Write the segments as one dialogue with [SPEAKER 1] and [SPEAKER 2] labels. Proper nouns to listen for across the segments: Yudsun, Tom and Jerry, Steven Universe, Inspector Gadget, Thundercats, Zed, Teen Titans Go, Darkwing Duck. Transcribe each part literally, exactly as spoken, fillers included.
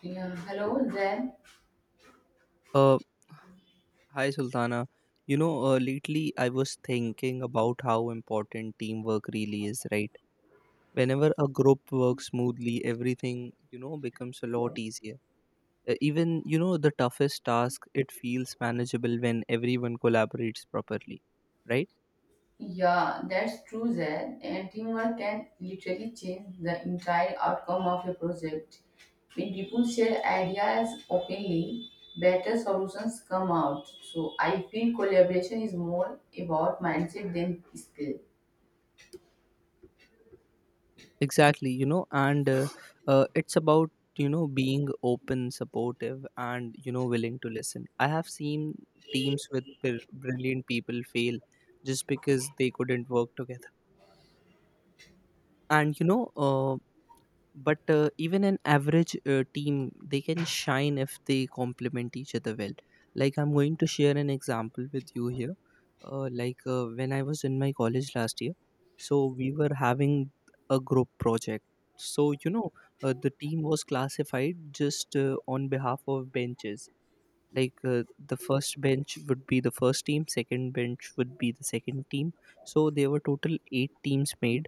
[SPEAKER 1] Yeah, hello Zed.
[SPEAKER 2] Uh, Hi Sultana. You know, uh, lately I was thinking about how important teamwork really is, right? Whenever a group works smoothly, everything, you know, becomes a lot easier. Uh, even, you know, the toughest task, it feels manageable when everyone collaborates properly, right?
[SPEAKER 1] Yeah, that's true, Zed. And teamwork can literally change the entire outcome of a project. When people share ideas openly, better solutions come out. So I feel collaboration is more about mindset than skill.
[SPEAKER 2] Exactly, you know and uh, uh, it's about you know being open, supportive, and you know willing to listen. I have seen teams with br- brilliant people fail just because they couldn't work together. And you know uh, but uh, even an average uh, team, they can shine if they complement each other well. Like, I'm going to share an example with you here. Uh, like uh, when I was in my college last year, so we were having a group project. So you know uh, the team was classified just uh, on behalf of benches. Like, uh, the first bench would be the first team, second bench would be the second team. So there were total eight teams made,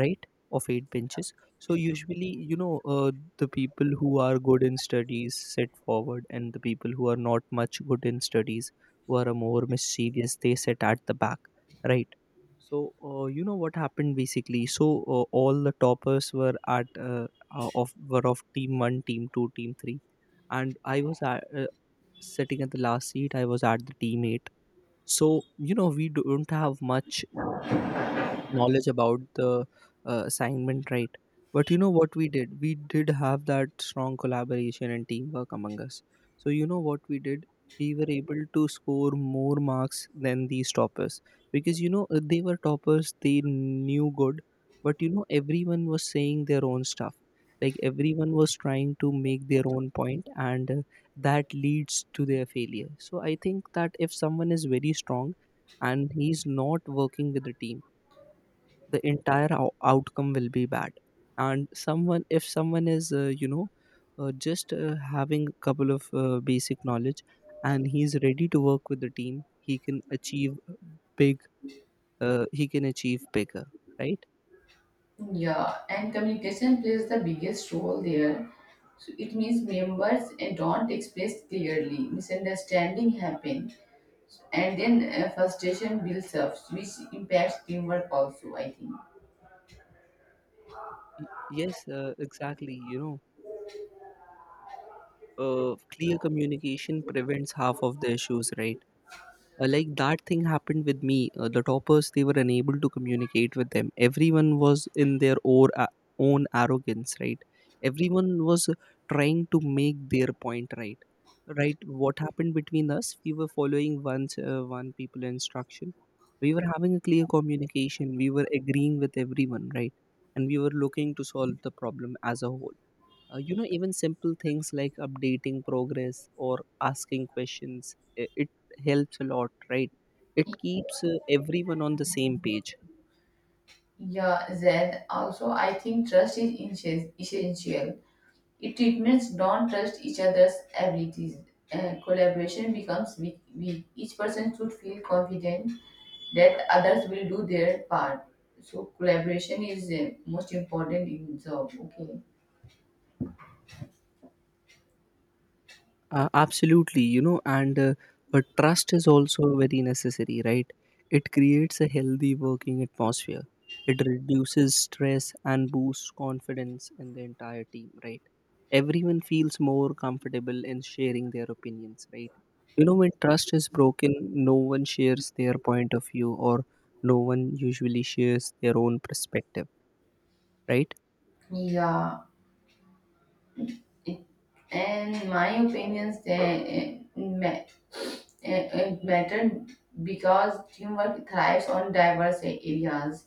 [SPEAKER 2] right? Of eight benches. So usually, you know uh, the people who are good in studies sit forward, and the people who are not much good in studies, who are more mischievous, they sit at the back, right? So uh, you know what happened basically, so uh, all the toppers were at uh, uh, of were of team one, team two, team three, and I was at, uh, sitting at the last seat, I was at the team eight. So you know, we don't have much knowledge about the uh, assignment, right? But you know what we did, we did have that strong collaboration and teamwork among us. So you know what we did, we were able to score more marks than these toppers, because you know uh, they were toppers, they knew good. But you know, everyone was saying their own stuff. Like everyone was trying to make their own point, and uh, that leads to their failure. So I think that if someone is very strong and he's not working with the team, the entire ou- outcome will be bad. And someone, if someone is uh, you know uh, just uh, having a couple of uh, basic knowledge and he's ready to work with the team, he can achieve big. Uh, he can achieve bigger, right?
[SPEAKER 1] Yeah, and communication plays the biggest role there. So it means members and don't express clearly, misunderstanding happen, so, and then uh, frustration builds up, which impacts teamwork also, I think.
[SPEAKER 2] Y- yes, uh, exactly, you know, uh, clear communication prevents half of the issues, right? Uh, like that thing happened with me. Uh, the toppers, they were unable to communicate with them. Everyone was in their or, uh, own arrogance, right? Everyone was trying to make their point, right? Right. What happened between us, we were following one uh, one people instruction. We were having a clear communication. We were agreeing with everyone, right? And we were looking to solve the problem as a whole. Uh, you know, even simple things like updating progress or asking questions, i- it helps a lot, right? It keeps uh, everyone on the same page.
[SPEAKER 1] Yeah, then also I think trust is essen- essential. If treatments don't trust each other's abilities, uh, collaboration becomes weak, weak. Each person should feel confident that others will do their part. So collaboration is uh, most important in job. Okay.
[SPEAKER 2] Uh, absolutely, you know, and uh, but trust is also very necessary, right? It creates a healthy working atmosphere. It reduces stress and boosts confidence in the entire team, right? Everyone feels more comfortable in sharing their opinions, right? You know, when trust is broken, no one shares their point of view, or no one usually shares their own perspective, right?
[SPEAKER 1] Yeah. It, and my opinions they uh, ma- uh, uh, matter because teamwork thrives on diverse areas.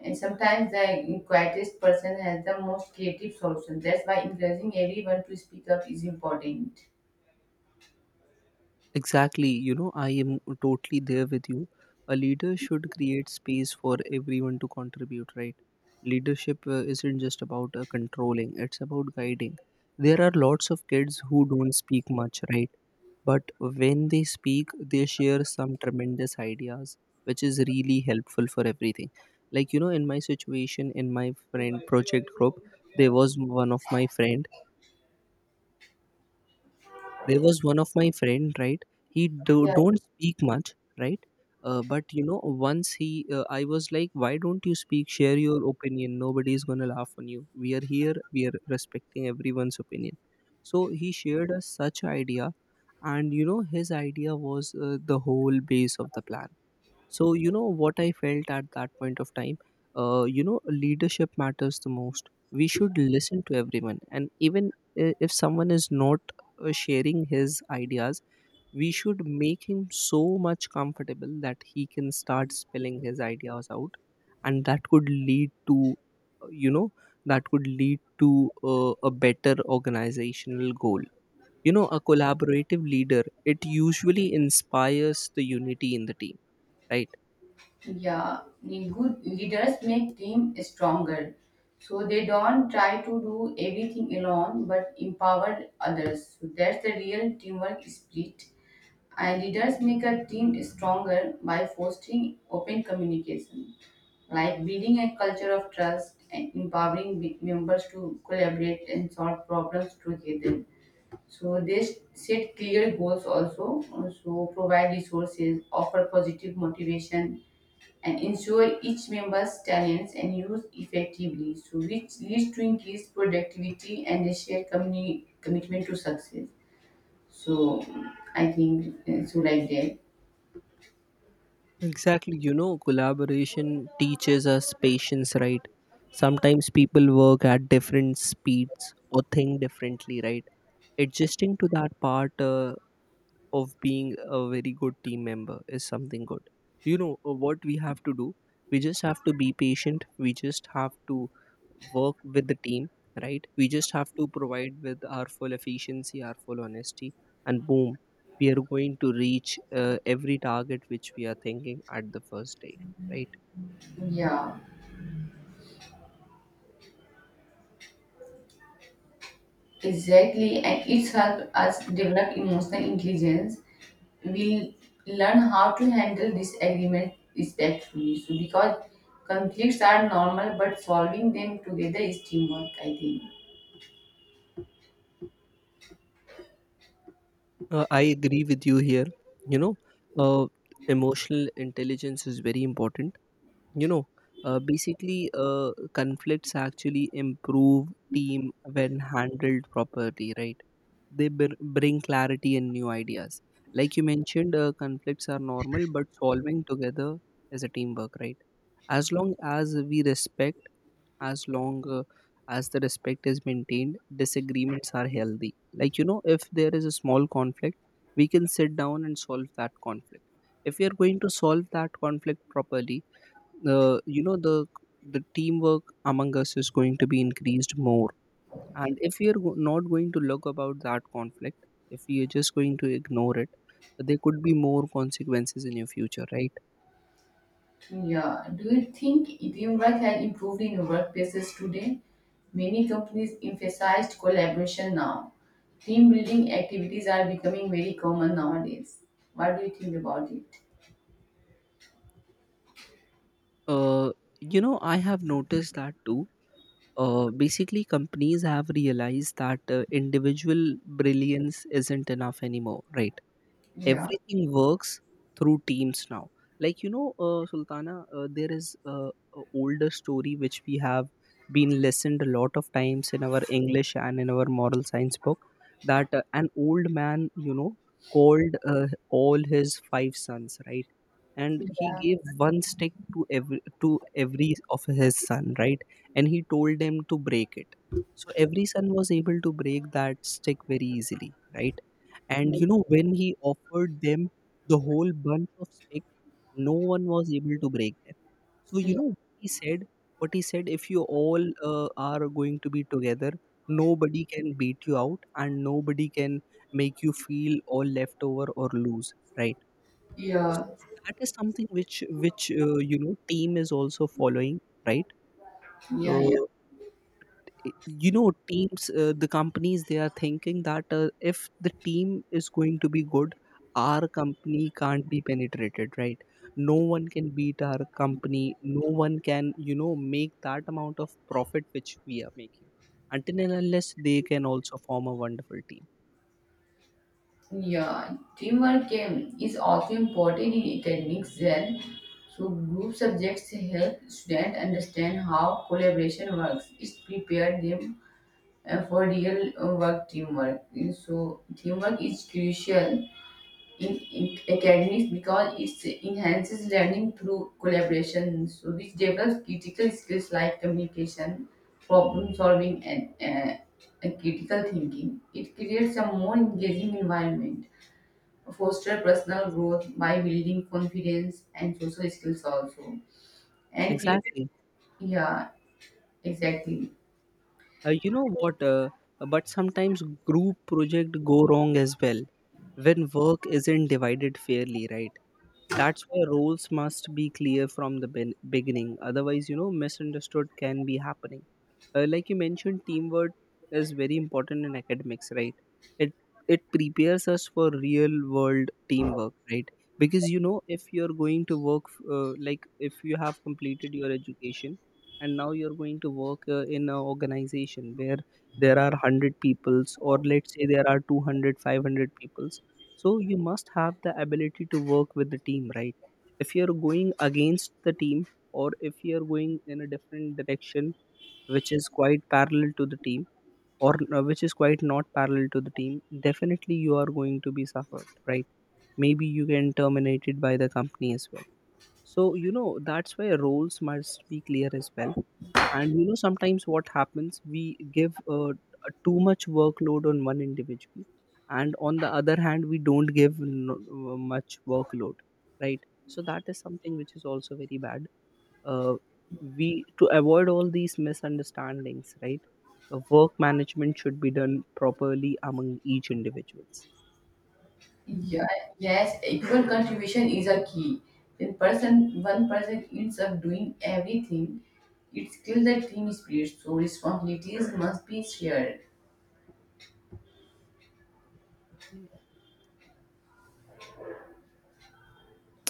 [SPEAKER 1] And sometimes the quietest person has the most creative solution. That's why encouraging everyone to speak up is important.
[SPEAKER 2] Exactly, you know, I am totally there with you. A leader should create space for everyone to contribute, right? Leadership uh, isn't just about uh, controlling, it's about guiding. There are lots of kids who don't speak much, right? But when they speak, they share some tremendous ideas, which is really helpful for everything. Like, you know, in my situation, in my friend project group, there was one of my friend there was one of my friend, right? He do,
[SPEAKER 1] Yeah,
[SPEAKER 2] don't speak much, right? Uh, but you know, once he, uh, I was like, why don't you speak, share your opinion, nobody's gonna laugh on you, we are here, we are respecting everyone's opinion. So he shared us such idea, and you know, his idea was uh, the whole base of the plan. So, you know what I felt at that point of time? Uh, you know, leadership matters the most. We should listen to everyone. And even, i- if someone is not uh, sharing his ideas, we should make him so much comfortable that he can start spilling his ideas out. And that could lead to, uh, you know, that could lead to uh, a better organizational goal. You know, a collaborative leader, it usually inspires the unity in the team, right?
[SPEAKER 1] yeah. Good leaders make team stronger. So they don't try to do everything alone, but empower others. So that's the real teamwork spirit. And leaders make a team stronger by fostering open communication, like building a culture of trust and empowering me- members to collaborate and solve problems together. So they s- set clear goals also, uh, so provide resources, offer positive motivation, and ensure each member's talents and use effectively, so which leads to increased productivity and a shared communi- commitment to success. So I think uh, so like that.
[SPEAKER 2] Exactly, you know, collaboration teaches us patience, right? Sometimes people work at different speeds or think differently, right? Adjusting to that part uh, of being a very good team member is something good. You know, uh, what we have to do? We just have to be patient. We just have to work with the team, right? We just have to provide with our full efficiency, our full honesty, and boom, we are going to reach uh, every target which we are thinking at the first day, right?
[SPEAKER 1] Yeah, exactly. And it helps us develop emotional intelligence. We learn how to handle disagreement respectfully. So because conflicts are normal, but solving them together is teamwork, I think.
[SPEAKER 2] Uh, I agree with you here. You know, uh, emotional intelligence is very important, you know. Uh, basically uh, Conflicts actually improve team when handled properly, right? They br- bring clarity and new ideas. Like you mentioned, uh, conflicts are normal, but solving together is a teamwork, right? As long as we respect, as long uh, as the respect is maintained, disagreements are healthy. Like you know, if there is a small conflict, we can sit down and solve that conflict. If we are going to solve that conflict properly, uh, you know, the the teamwork among us is going to be increased more. And if we are go- not going to look about that conflict, if we are just going to ignore it, there could be more consequences in your future, right?
[SPEAKER 1] Yeah. Do you think teamwork has improved in workplaces today? Many companies emphasized collaboration now. Team building activities are becoming very common nowadays. What do you think about it?
[SPEAKER 2] uh, you know, I have noticed that too. Uh, basically Companies have realized that uh, individual brilliance isn't enough anymore, right?
[SPEAKER 1] Yeah.
[SPEAKER 2] Everything works through teams now. Like you know, uh, Sultana, uh, there is uh, a older story which we have been listened a lot of times in our English and in our moral science book. That uh, an old man, you know, called uh, all his five sons, right? And he
[SPEAKER 1] Yeah.
[SPEAKER 2] gave one stick to every to every of his son, right? And he told them to break it. So every son was able to break that stick very easily, right? And
[SPEAKER 1] Yeah.
[SPEAKER 2] you know, when he offered them the whole bunch of stick, no one was able to break them. So you know, he said what he said. If you all uh, are going to be together, nobody can beat you out, and nobody can make you feel all left over or lose. Right. So
[SPEAKER 1] Yeah,
[SPEAKER 2] that is something which which uh, you know, team is also following. Right.
[SPEAKER 1] yeah, yeah.
[SPEAKER 2] Uh, you know, teams uh, the companies, they are thinking that uh, if the team is going to be good, our company can't be penetrated, right? No one can beat our company. No one can, you know, make that amount of profit which we are making, until and unless they can also form a wonderful team.
[SPEAKER 1] Yeah, teamwork um, is also important in academics as so group subjects help students understand how collaboration works. It prepares them uh, for real uh, work teamwork. So teamwork is crucial in, in academics because it enhances learning through collaboration, so which develops critical skills like communication, problem solving, and, uh, and critical thinking. It creates a more engaging environment, foster personal growth by building confidence and social skills also. And people,
[SPEAKER 2] Exactly.
[SPEAKER 1] yeah, exactly.
[SPEAKER 2] Uh, you know what uh, but sometimes group project go wrong as well, when work isn't divided fairly, right? That's why roles must be clear from the ben- beginning. Otherwise, you know, misunderstood can be happening. Uh, like you mentioned, teamwork is very important in academics, right? It it prepares us for real world teamwork, right? Because you know, if you're going to work, uh, like if you have completed your education, and now you're going to work uh, in an organization where there are one hundred peoples, or let's say there are two hundred, five hundred five hundred people, so you must have the ability to work with the team, right? If you're going against the team, or if you're going in a different direction which is quite parallel to the team, or uh, which is quite not parallel to the team, definitely you are going to be suffered, right? Maybe you can terminated by the company as well. So you know, that's why roles must be clear as well. And you know, sometimes what happens, we give uh, a too much workload on one individual, and on the other hand, we don't give no, uh, much workload, right? So that is something which is also very bad. Uh, we to avoid all these misunderstandings, right? Uh, work management should be done properly among each individuals.
[SPEAKER 1] Yeah, yes, equal contribution is a key. When person one person ends up doing everything, it kills the team spirit. So responsibilities must be shared.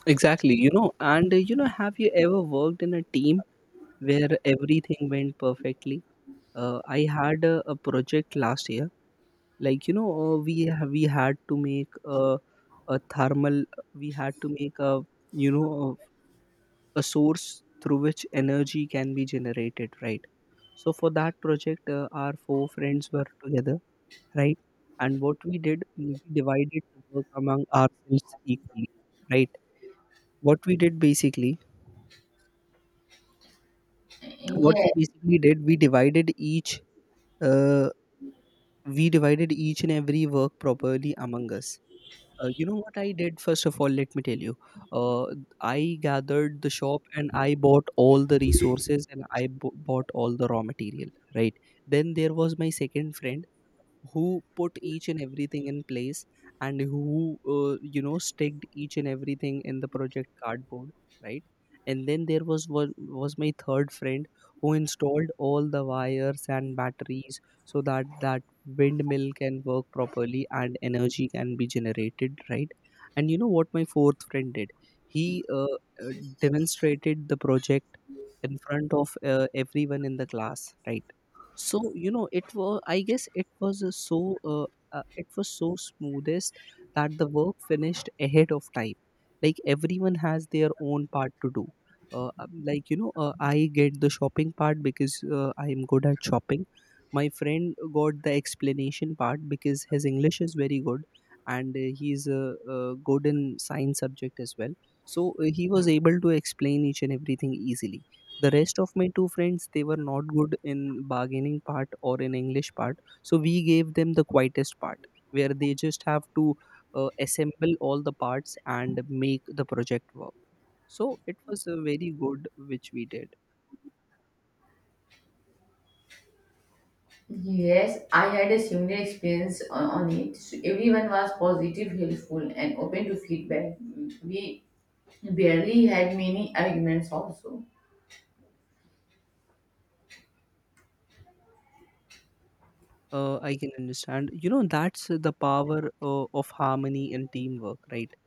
[SPEAKER 2] Exactly, you know, and uh, you know, have you ever worked in a team where everything went perfectly? Uh, I had a, a project last year. Like you know, uh, we ha- we had to make a, a thermal. We had to make a, you know, a source through which energy can be generated, right? So for that project, uh, our four friends were together, right? And what we did, we divided the work among ourselves equally, right? What we did basically, what we
[SPEAKER 1] Yes,
[SPEAKER 2] basically did, we divided each, uh, we divided each and every work properly among us. Uh, you know what I did? First of all, let me tell you. Uh, I gathered the shop and I bought all the resources and I b- bought all the raw material. Right. Then there was my second friend who put each and everything in place and who uh, you know staked each and everything in the project cardboard, right. And then there was one was my third friend who installed all the wires and batteries so that that windmill can work properly and energy can be generated, right. And you know what my fourth friend did, he uh, uh, demonstrated the project in front of uh, everyone in the class, right. So you know it was I guess it was a so uh, uh, it was so smoothest that the work finished ahead of time. Like everyone has their own part to do. Uh, um, like you know, uh, I get the shopping part because uh, I am good at shopping. My friend got the explanation part because his English is very good, and uh, he's uh, uh, good in science subject as well. So uh, he was able to explain each and everything easily. The rest of my two friends, they were not good in bargaining part or in English part, so we gave them the quietest part where they just have to uh, assemble all the parts and make the project work. So it was uh, very good which we did.
[SPEAKER 1] yes, I had a similar experience on, on it. So everyone was positive, helpful, and open to feedback. We barely had many arguments also.
[SPEAKER 2] uh, I can understand, you know, that's the power uh, of harmony and teamwork, right.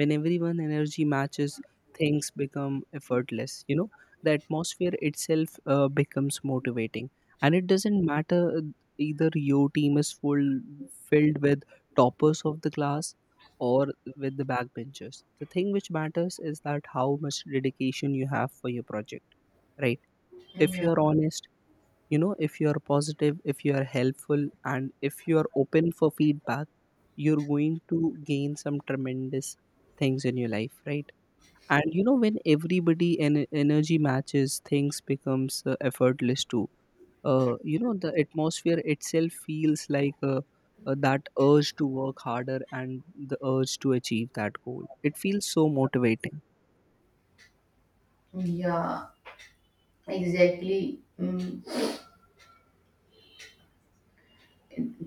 [SPEAKER 2] When everyone energy matches, things become effortless. You know, the atmosphere itself uh, becomes motivating, and it doesn't matter uh, either your team is full filled with toppers of the class or with the backbenchers. The thing which matters is that how much dedication you have for your project, right? If
[SPEAKER 1] Yeah,
[SPEAKER 2] you are honest, you know, if you are positive, if you are helpful, and if you are open for feedback, you're going to gain some tremendous things in your life, right. And you know when everybody en- energy matches, things becomes uh, effortless too. Uh, you know, the atmosphere itself feels like uh, uh, that urge to work harder and the urge to achieve that goal, it feels so motivating.
[SPEAKER 1] yeah, exactly. Mm.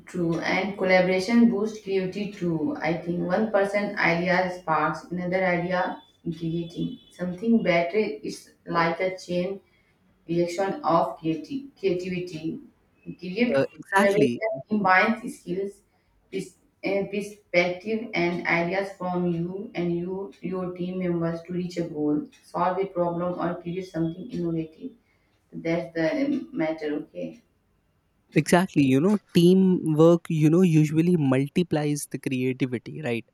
[SPEAKER 1] True, and collaboration boosts creativity too. I think one person idea sparks another idea, creating something better. It's like a chain reaction of creati- creativity. Creative
[SPEAKER 2] Uh, exactly
[SPEAKER 1] collaboration combines skills, pers- eh, perspective, and ideas from you and you your team members to reach a goal, solve a problem, or create something innovative. That's the matter. Okay.
[SPEAKER 2] Exactly. You know, teamwork, you know, usually multiplies the creativity, right?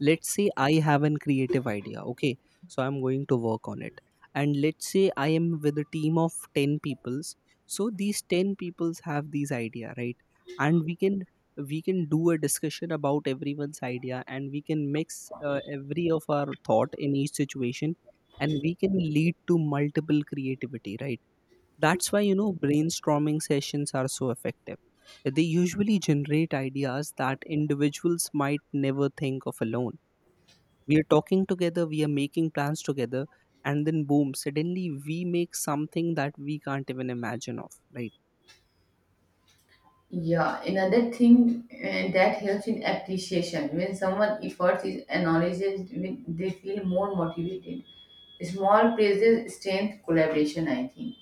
[SPEAKER 2] Let's say I have an creative idea. Okay. So I'm going to work on it. And let's say I am with a team of ten peoples. So these ten peoples have these idea, right? And we can we can do a discussion about everyone's idea and we can mix uh, every of our thought in each situation, and we can lead to multiple creativity, right. That's why, you know, brainstorming sessions are so effective. They usually generate ideas that individuals might never think of alone. We are talking together, we are making plans together, and then boom, suddenly we make something that we can't even imagine of, right?
[SPEAKER 1] Yeah, another thing uh, that helps in appreciation when someone efforts is acknowledged, when they feel more motivated. Small praises strengthen collaboration, I think.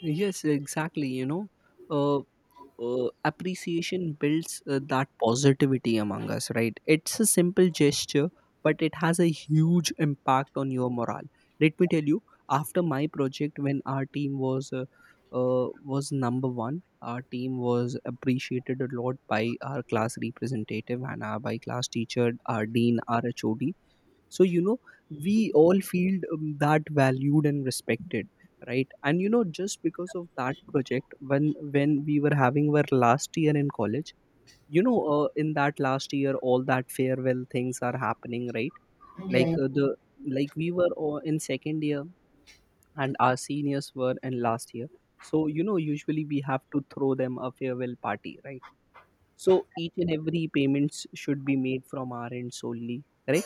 [SPEAKER 2] Yes, exactly. You know, uh, uh, appreciation builds uh, that positivity among us, right. It's a simple gesture but it has a huge impact on your morale. Let me tell you, after my project, when our team was uh, uh, was number one, our team was appreciated a lot by our class representative and our by class teacher, our dean, our HOD. So you know we all feel um, that valued and respected, right. And you know just because of that project, when when we were having our last year in college, you know, uh, in that last year, all that farewell things are happening, right. Like
[SPEAKER 1] Yeah,
[SPEAKER 2] uh, the like we were all in second year and our seniors were in last year. So you know usually we have to throw them a farewell party, right. So each and every payments should be made from our end solely, right.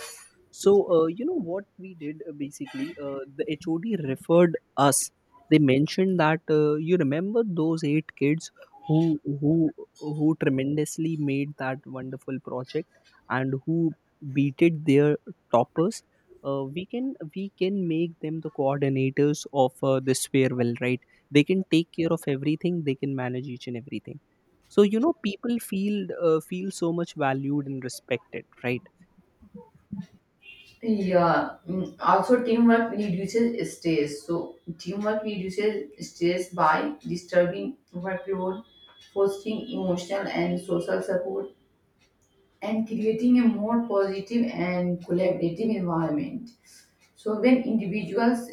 [SPEAKER 2] So, uh, you know what we did uh, basically? Uh, the H O D referred us. They mentioned that uh, you remember those eight kids who who who tremendously made that wonderful project and who beated their toppers. Uh, we can we can make them the coordinators of uh, this farewell, right? They can take care of everything. They can manage each and everything. So you know, people feel uh, feel so much valued and respected, right?
[SPEAKER 1] yeah. Mm, also, teamwork reduces stress. So, teamwork reduces stress by disturbing workload, fostering emotional and social support, and creating a more positive and collaborative environment. So, when individuals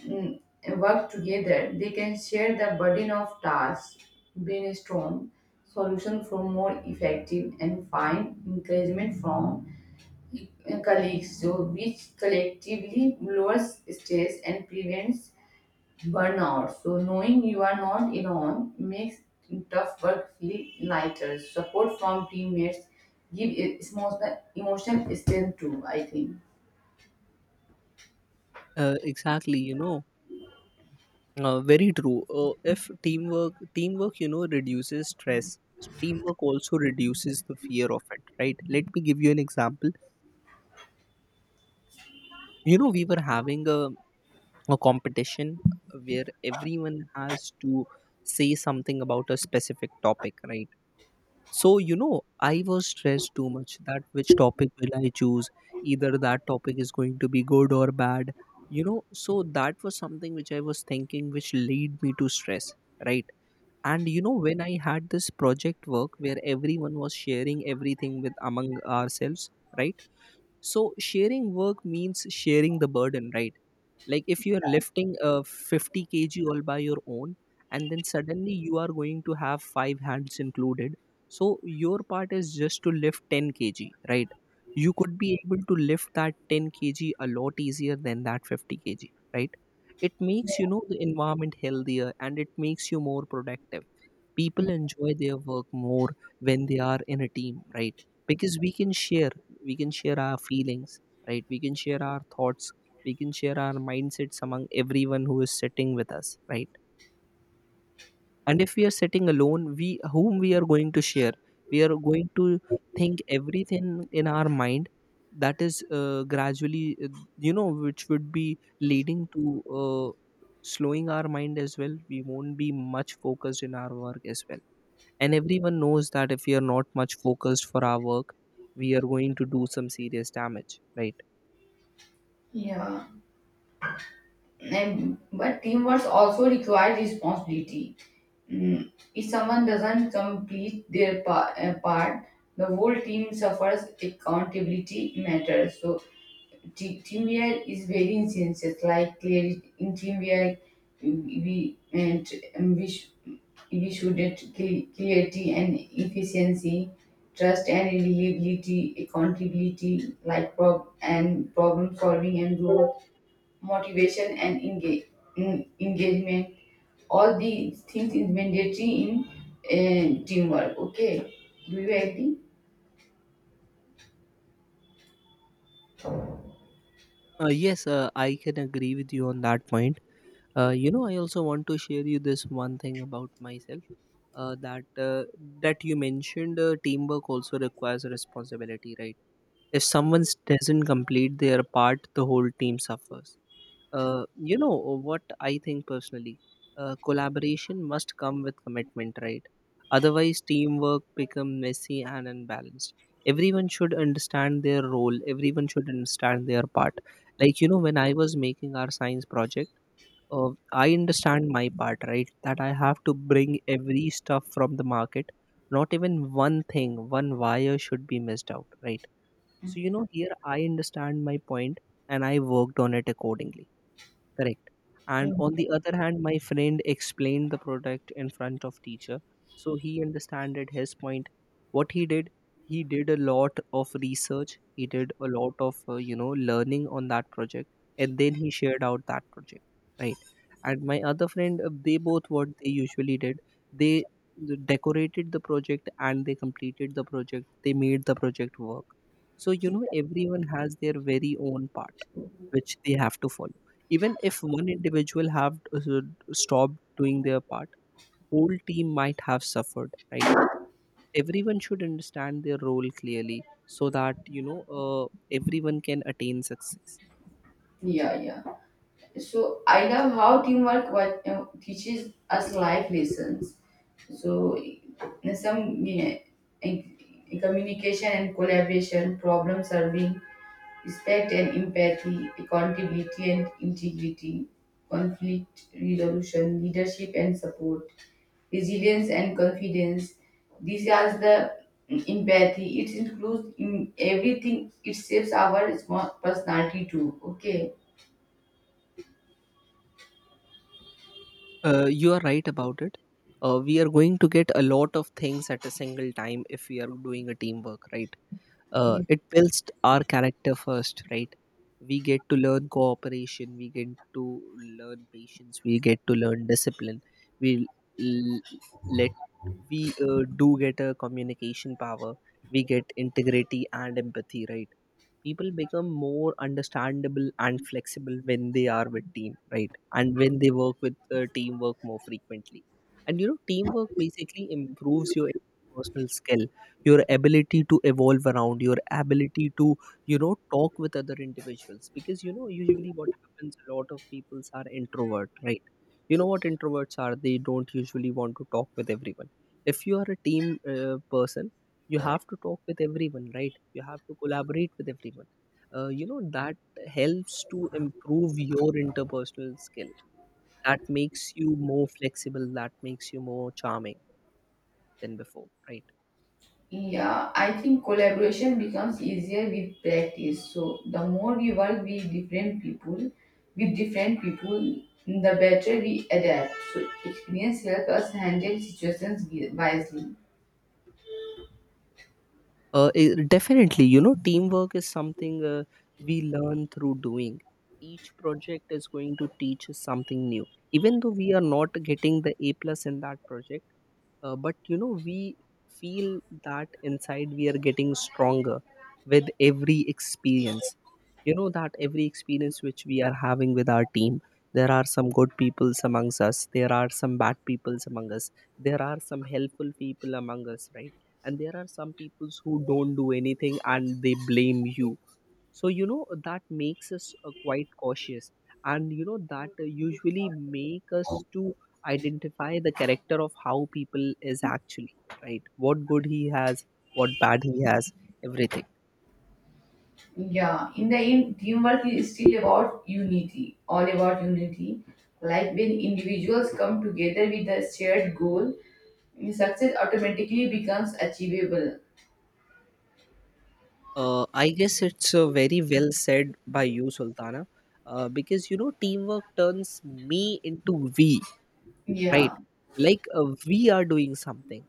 [SPEAKER 1] mm, work together, they can share the burden of tasks, brainstorm solutions for more effective, and find encouragement from uh, colleagues, so which collectively lowers stress and prevents burnout. So, knowing you are not alone makes tough work feel lighter. Support from teammates give e- emotional emotional strength too, I think.
[SPEAKER 2] Uh, exactly. You know, Uh, very true. Uh, if teamwork, teamwork, you know, reduces stress. Teamwork also reduces the fear of it, right? Let me give you an example. You know, we were having a, a competition where everyone has to say something about a specific topic, right? So, you know, I was stressed too much that which topic will I choose? Either that topic is going to be good or bad, you know. So, that was something which I was thinking, which lead me to stress, right? And you know when I had this project work where everyone was sharing everything with among ourselves, right. So sharing work means sharing the burden, right. Like if you are lifting a fifty kg all by your own and then suddenly you are going to have five hands included, so your part is just to lift ten kg, right. You could be able to lift that ten kg a lot easier than that fifty kg, right. It makes, you know, the environment healthier, and it makes you more productive. People enjoy their work more when they are in a team, right. Because we can share, we can share our feelings, right, we can share our thoughts, we can share our mindsets among everyone who is sitting with us, right. And if we are sitting alone, we whom we are going to share, we are going to think everything in our mind, that is uh, gradually uh, you know which would be leading to uh, slowing our mind as well. We won't be much focused in our work as well, and everyone knows that if we are not much focused for our work, we are going to do some serious damage, right.
[SPEAKER 1] Yeah. And but teamwork also requires responsibility. Mm, if someone doesn't complete their pa- uh, part, the whole team suffers. Accountability matters. So te- teamwork is very essential. Like clarity in teamwork, we and um, we sh- we should get cl- clarity and efficiency, trust and reliability, accountability, like prob- and problem solving and growth motivation and engage, en- engagement. All these things is mandatory in uh, teamwork. Okay, do you agree?
[SPEAKER 2] Uh, yes, uh, I can agree with you on that point. Uh, you know, I also want to share you this one thing about myself, uh, that uh, that you mentioned uh, teamwork also requires responsibility, right. If someone doesn't complete their part, the whole team suffers. Uh, you know what I think personally? Uh, collaboration must come with commitment, right? Otherwise, teamwork become messy and unbalanced. Everyone should understand their role. Everyone should understand their part. Like you know, when I was making our science project, uh, I understand my part, right? That I have to bring every stuff from the market. Not even one thing, one wire should be missed out, right? So you know, here I understand my point and I worked on it accordingly. Correct. And
[SPEAKER 1] Mm.
[SPEAKER 2] on the other hand, my friend explained the product in front of teacher, so he understood his point. What he did, he did a lot of research. He did a lot of uh, you know learning on that project, and then he shared out that project, right? And my other friend, uh, they both what they usually did, they decorated the project and they completed the project. They made the project work. So you know, everyone has their very own part which they have to follow even if one individual have uh, stopped doing their part, whole team might have suffered, right? Everyone should understand their role clearly so that you know uh, everyone can attain success.
[SPEAKER 1] Yeah, yeah, so I love how teamwork what uh, teaches us life lessons, so uh, some uh, in- communication and collaboration, problem solving, respect and empathy, accountability and integrity, conflict resolution, leadership and support, resilience and confidence. These are the empathy. It includes in everything. It shapes our small personality too. Okay.
[SPEAKER 2] Uh, you are right about it. Uh, we are going to get a lot of things at a single time if we are doing a teamwork, right? Uh,
[SPEAKER 1] Yes.
[SPEAKER 2] it builds our character first, right? We get to learn cooperation, we get to learn patience, we get to learn discipline. We l- let We uh, do get a communication power, we get integrity and empathy, right? People become more understandable and flexible when they are with team, right, and when they work with uh, teamwork more frequently. And you know, teamwork basically improves your personal skill, your ability to evolve around, your ability to you know talk with other individuals, because you know usually what happens, a lot of peoples are introvert, right? You know what introverts are, they don't usually want to talk with everyone. If you are a team uh, person, you right have to talk with everyone, right? You have to collaborate with everyone. Uh, you know that helps to improve your interpersonal skill. That makes you more flexible, that makes you more charming than before, right?
[SPEAKER 1] Yeah, I think collaboration becomes easier with practice. So the more we work with different people, with different people, the better we adapt. So experience helps us handle situations wi- wisely.
[SPEAKER 2] Uh, i- definitely, you know, teamwork is something uh, we learn through doing. Each project is going to teach us something new, even though we are not getting the A plus in that project. Uh, but you know, we feel that inside we are getting stronger with every experience. You know that every experience which we are having with our team, there are some good peoples amongst us, there are some bad peoples among us, there are some helpful people among us, right? And there are some peoples who don't do anything and they blame you. So you know, that makes us uh, quite cautious. And you know that uh, usually make us to identify the character of how people is actually, right? What good he has, what bad he has, everything.
[SPEAKER 1] Yeah, in the end, teamwork is still about unity, all about unity. Like when individuals come together with a shared goal, success automatically becomes achievable.
[SPEAKER 2] uh, I guess it's uh, very well said by you, Sultana. Uh, because you know, teamwork turns me into we, right?
[SPEAKER 1] Yeah,
[SPEAKER 2] Like uh, we are doing something,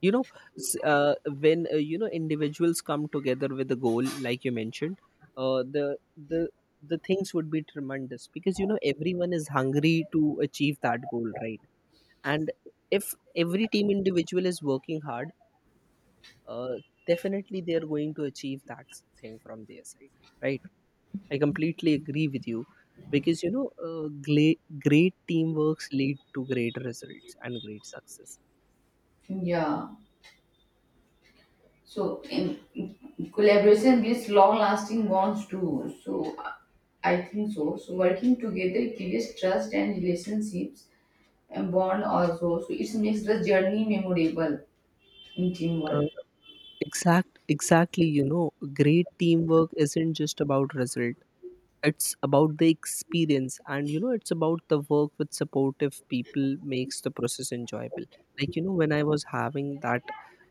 [SPEAKER 2] you know, s- uh, when uh, you know, individuals come together with a goal like you mentioned, uh, the the the things would be tremendous, because you know, everyone is hungry to achieve that goal, right? And if every team individual is working hard, uh, definitely they are going to achieve that s- thing from their side, right? I completely agree with you, because you know, uh, gla- great teamworks lead to great results and great success.
[SPEAKER 1] yeah. So, in collaboration builds long-lasting bonds too. So, uh, I think so. So, working together creates trust and relationships and bond also. So, it makes the journey memorable in teamwork.
[SPEAKER 2] Uh, Exact, exactly. You know, great teamwork isn't just about result, it's about the experience, and you know, it's about the work with supportive people makes the process enjoyable. Like you know, when I was having that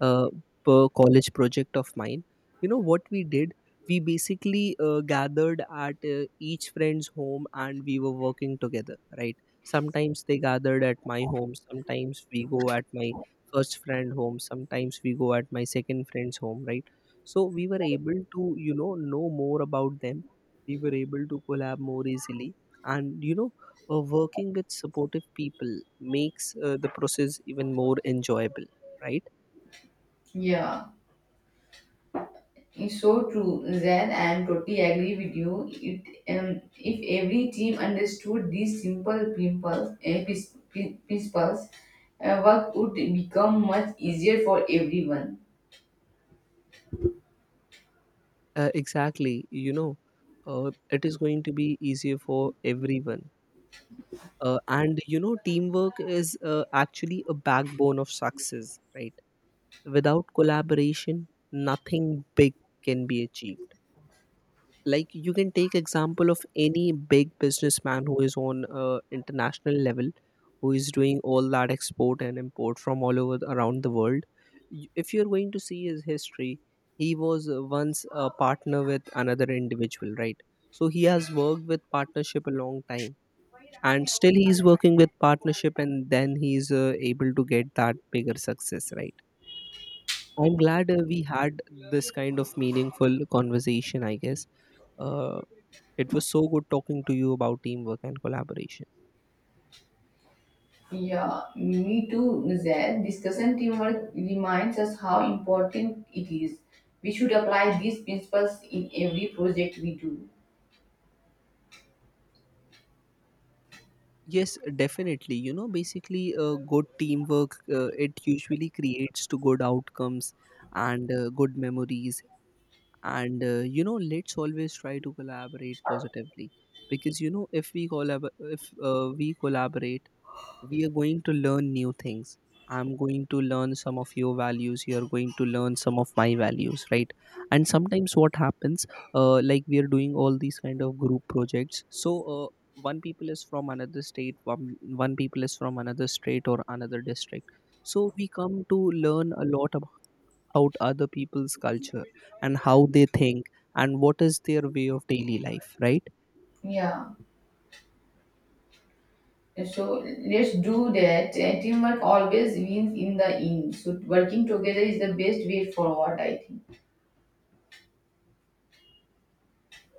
[SPEAKER 2] uh, per college project of mine, you know what we did, we basically uh, gathered at uh, each friend's home and we were working together, right? Sometimes they gathered at my home, sometimes we go at my first friend home, sometimes we go at my second friend's home, right? So we were able to you know know more about them, we were able to collab more easily. And you know, uh, working with supportive people makes uh, the process even more enjoyable, right?
[SPEAKER 1] Yeah, it's so true. Then I am totally agree with you. It, um, if every team understood these simple principles, uh, pris- prin- principles, uh, work would become much easier for everyone.
[SPEAKER 2] Uh, exactly, you know, uh, it is going to be easier for everyone. Uh, and you know, teamwork is uh, actually a backbone of success, right? Without collaboration, nothing big can be achieved. Like you can take example of any big businessman who is on uh, international level, who is doing all that export and import from all over the, around the world. Y- if you're going to see his history, he was uh, once a partner with another individual, right? So he has worked with partnership a long time, and still he is working with partnership, and then he's uh, able to get that bigger success, right? I'm glad uh, we had this kind of meaningful conversation. I guess uh, it was so good talking to you about teamwork and collaboration.
[SPEAKER 1] Yeah, me too, Zed. Discussion teamwork reminds us how important it is. We should apply these principles in every project we do.
[SPEAKER 2] Yes, definitely. You know, basically, uh, good teamwork, uh, it usually creates to good outcomes and uh, good memories. And uh, you know, let's always try to collaborate positively, because you know, if we collab, if uh, we collaborate, we are going to learn new things. I'm going to learn some of your values, you're going to learn some of my values, right? And sometimes what happens, uh, like we are doing all these kind of group projects, so uh, one people is from another state one, one people is from another state or another district, so we come to learn a lot about other people's culture and how they think and what is their way of daily life, right?
[SPEAKER 1] Yeah, so let's do that. And teamwork always wins in the end. So working together is the best way forward, I think.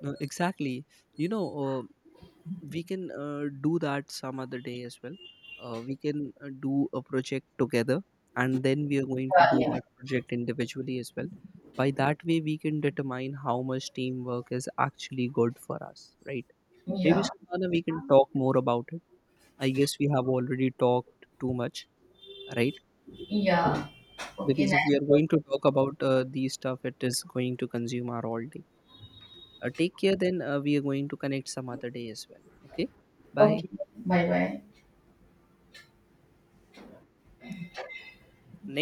[SPEAKER 2] No, exactly. You know, uh, we can uh, do that some other day as well. Uh, we can uh, do a project together, and then we are going to
[SPEAKER 1] Yeah,
[SPEAKER 2] do
[SPEAKER 1] yeah,
[SPEAKER 2] that project individually as well. By that way, we can determine how much teamwork is actually good for us, right? Maybe
[SPEAKER 1] yeah,
[SPEAKER 2] Sultana, we can talk more about it. I guess we have already talked too much, right?
[SPEAKER 1] yeah. Okay,
[SPEAKER 2] Because if
[SPEAKER 1] nice.
[SPEAKER 2] we are going to talk about uh, these stuff, it is going to consume our all day. Uh, take care then. Uh, we are going to connect some other day as well. Okay. Bye.
[SPEAKER 1] Okay, bye bye.
[SPEAKER 2] Next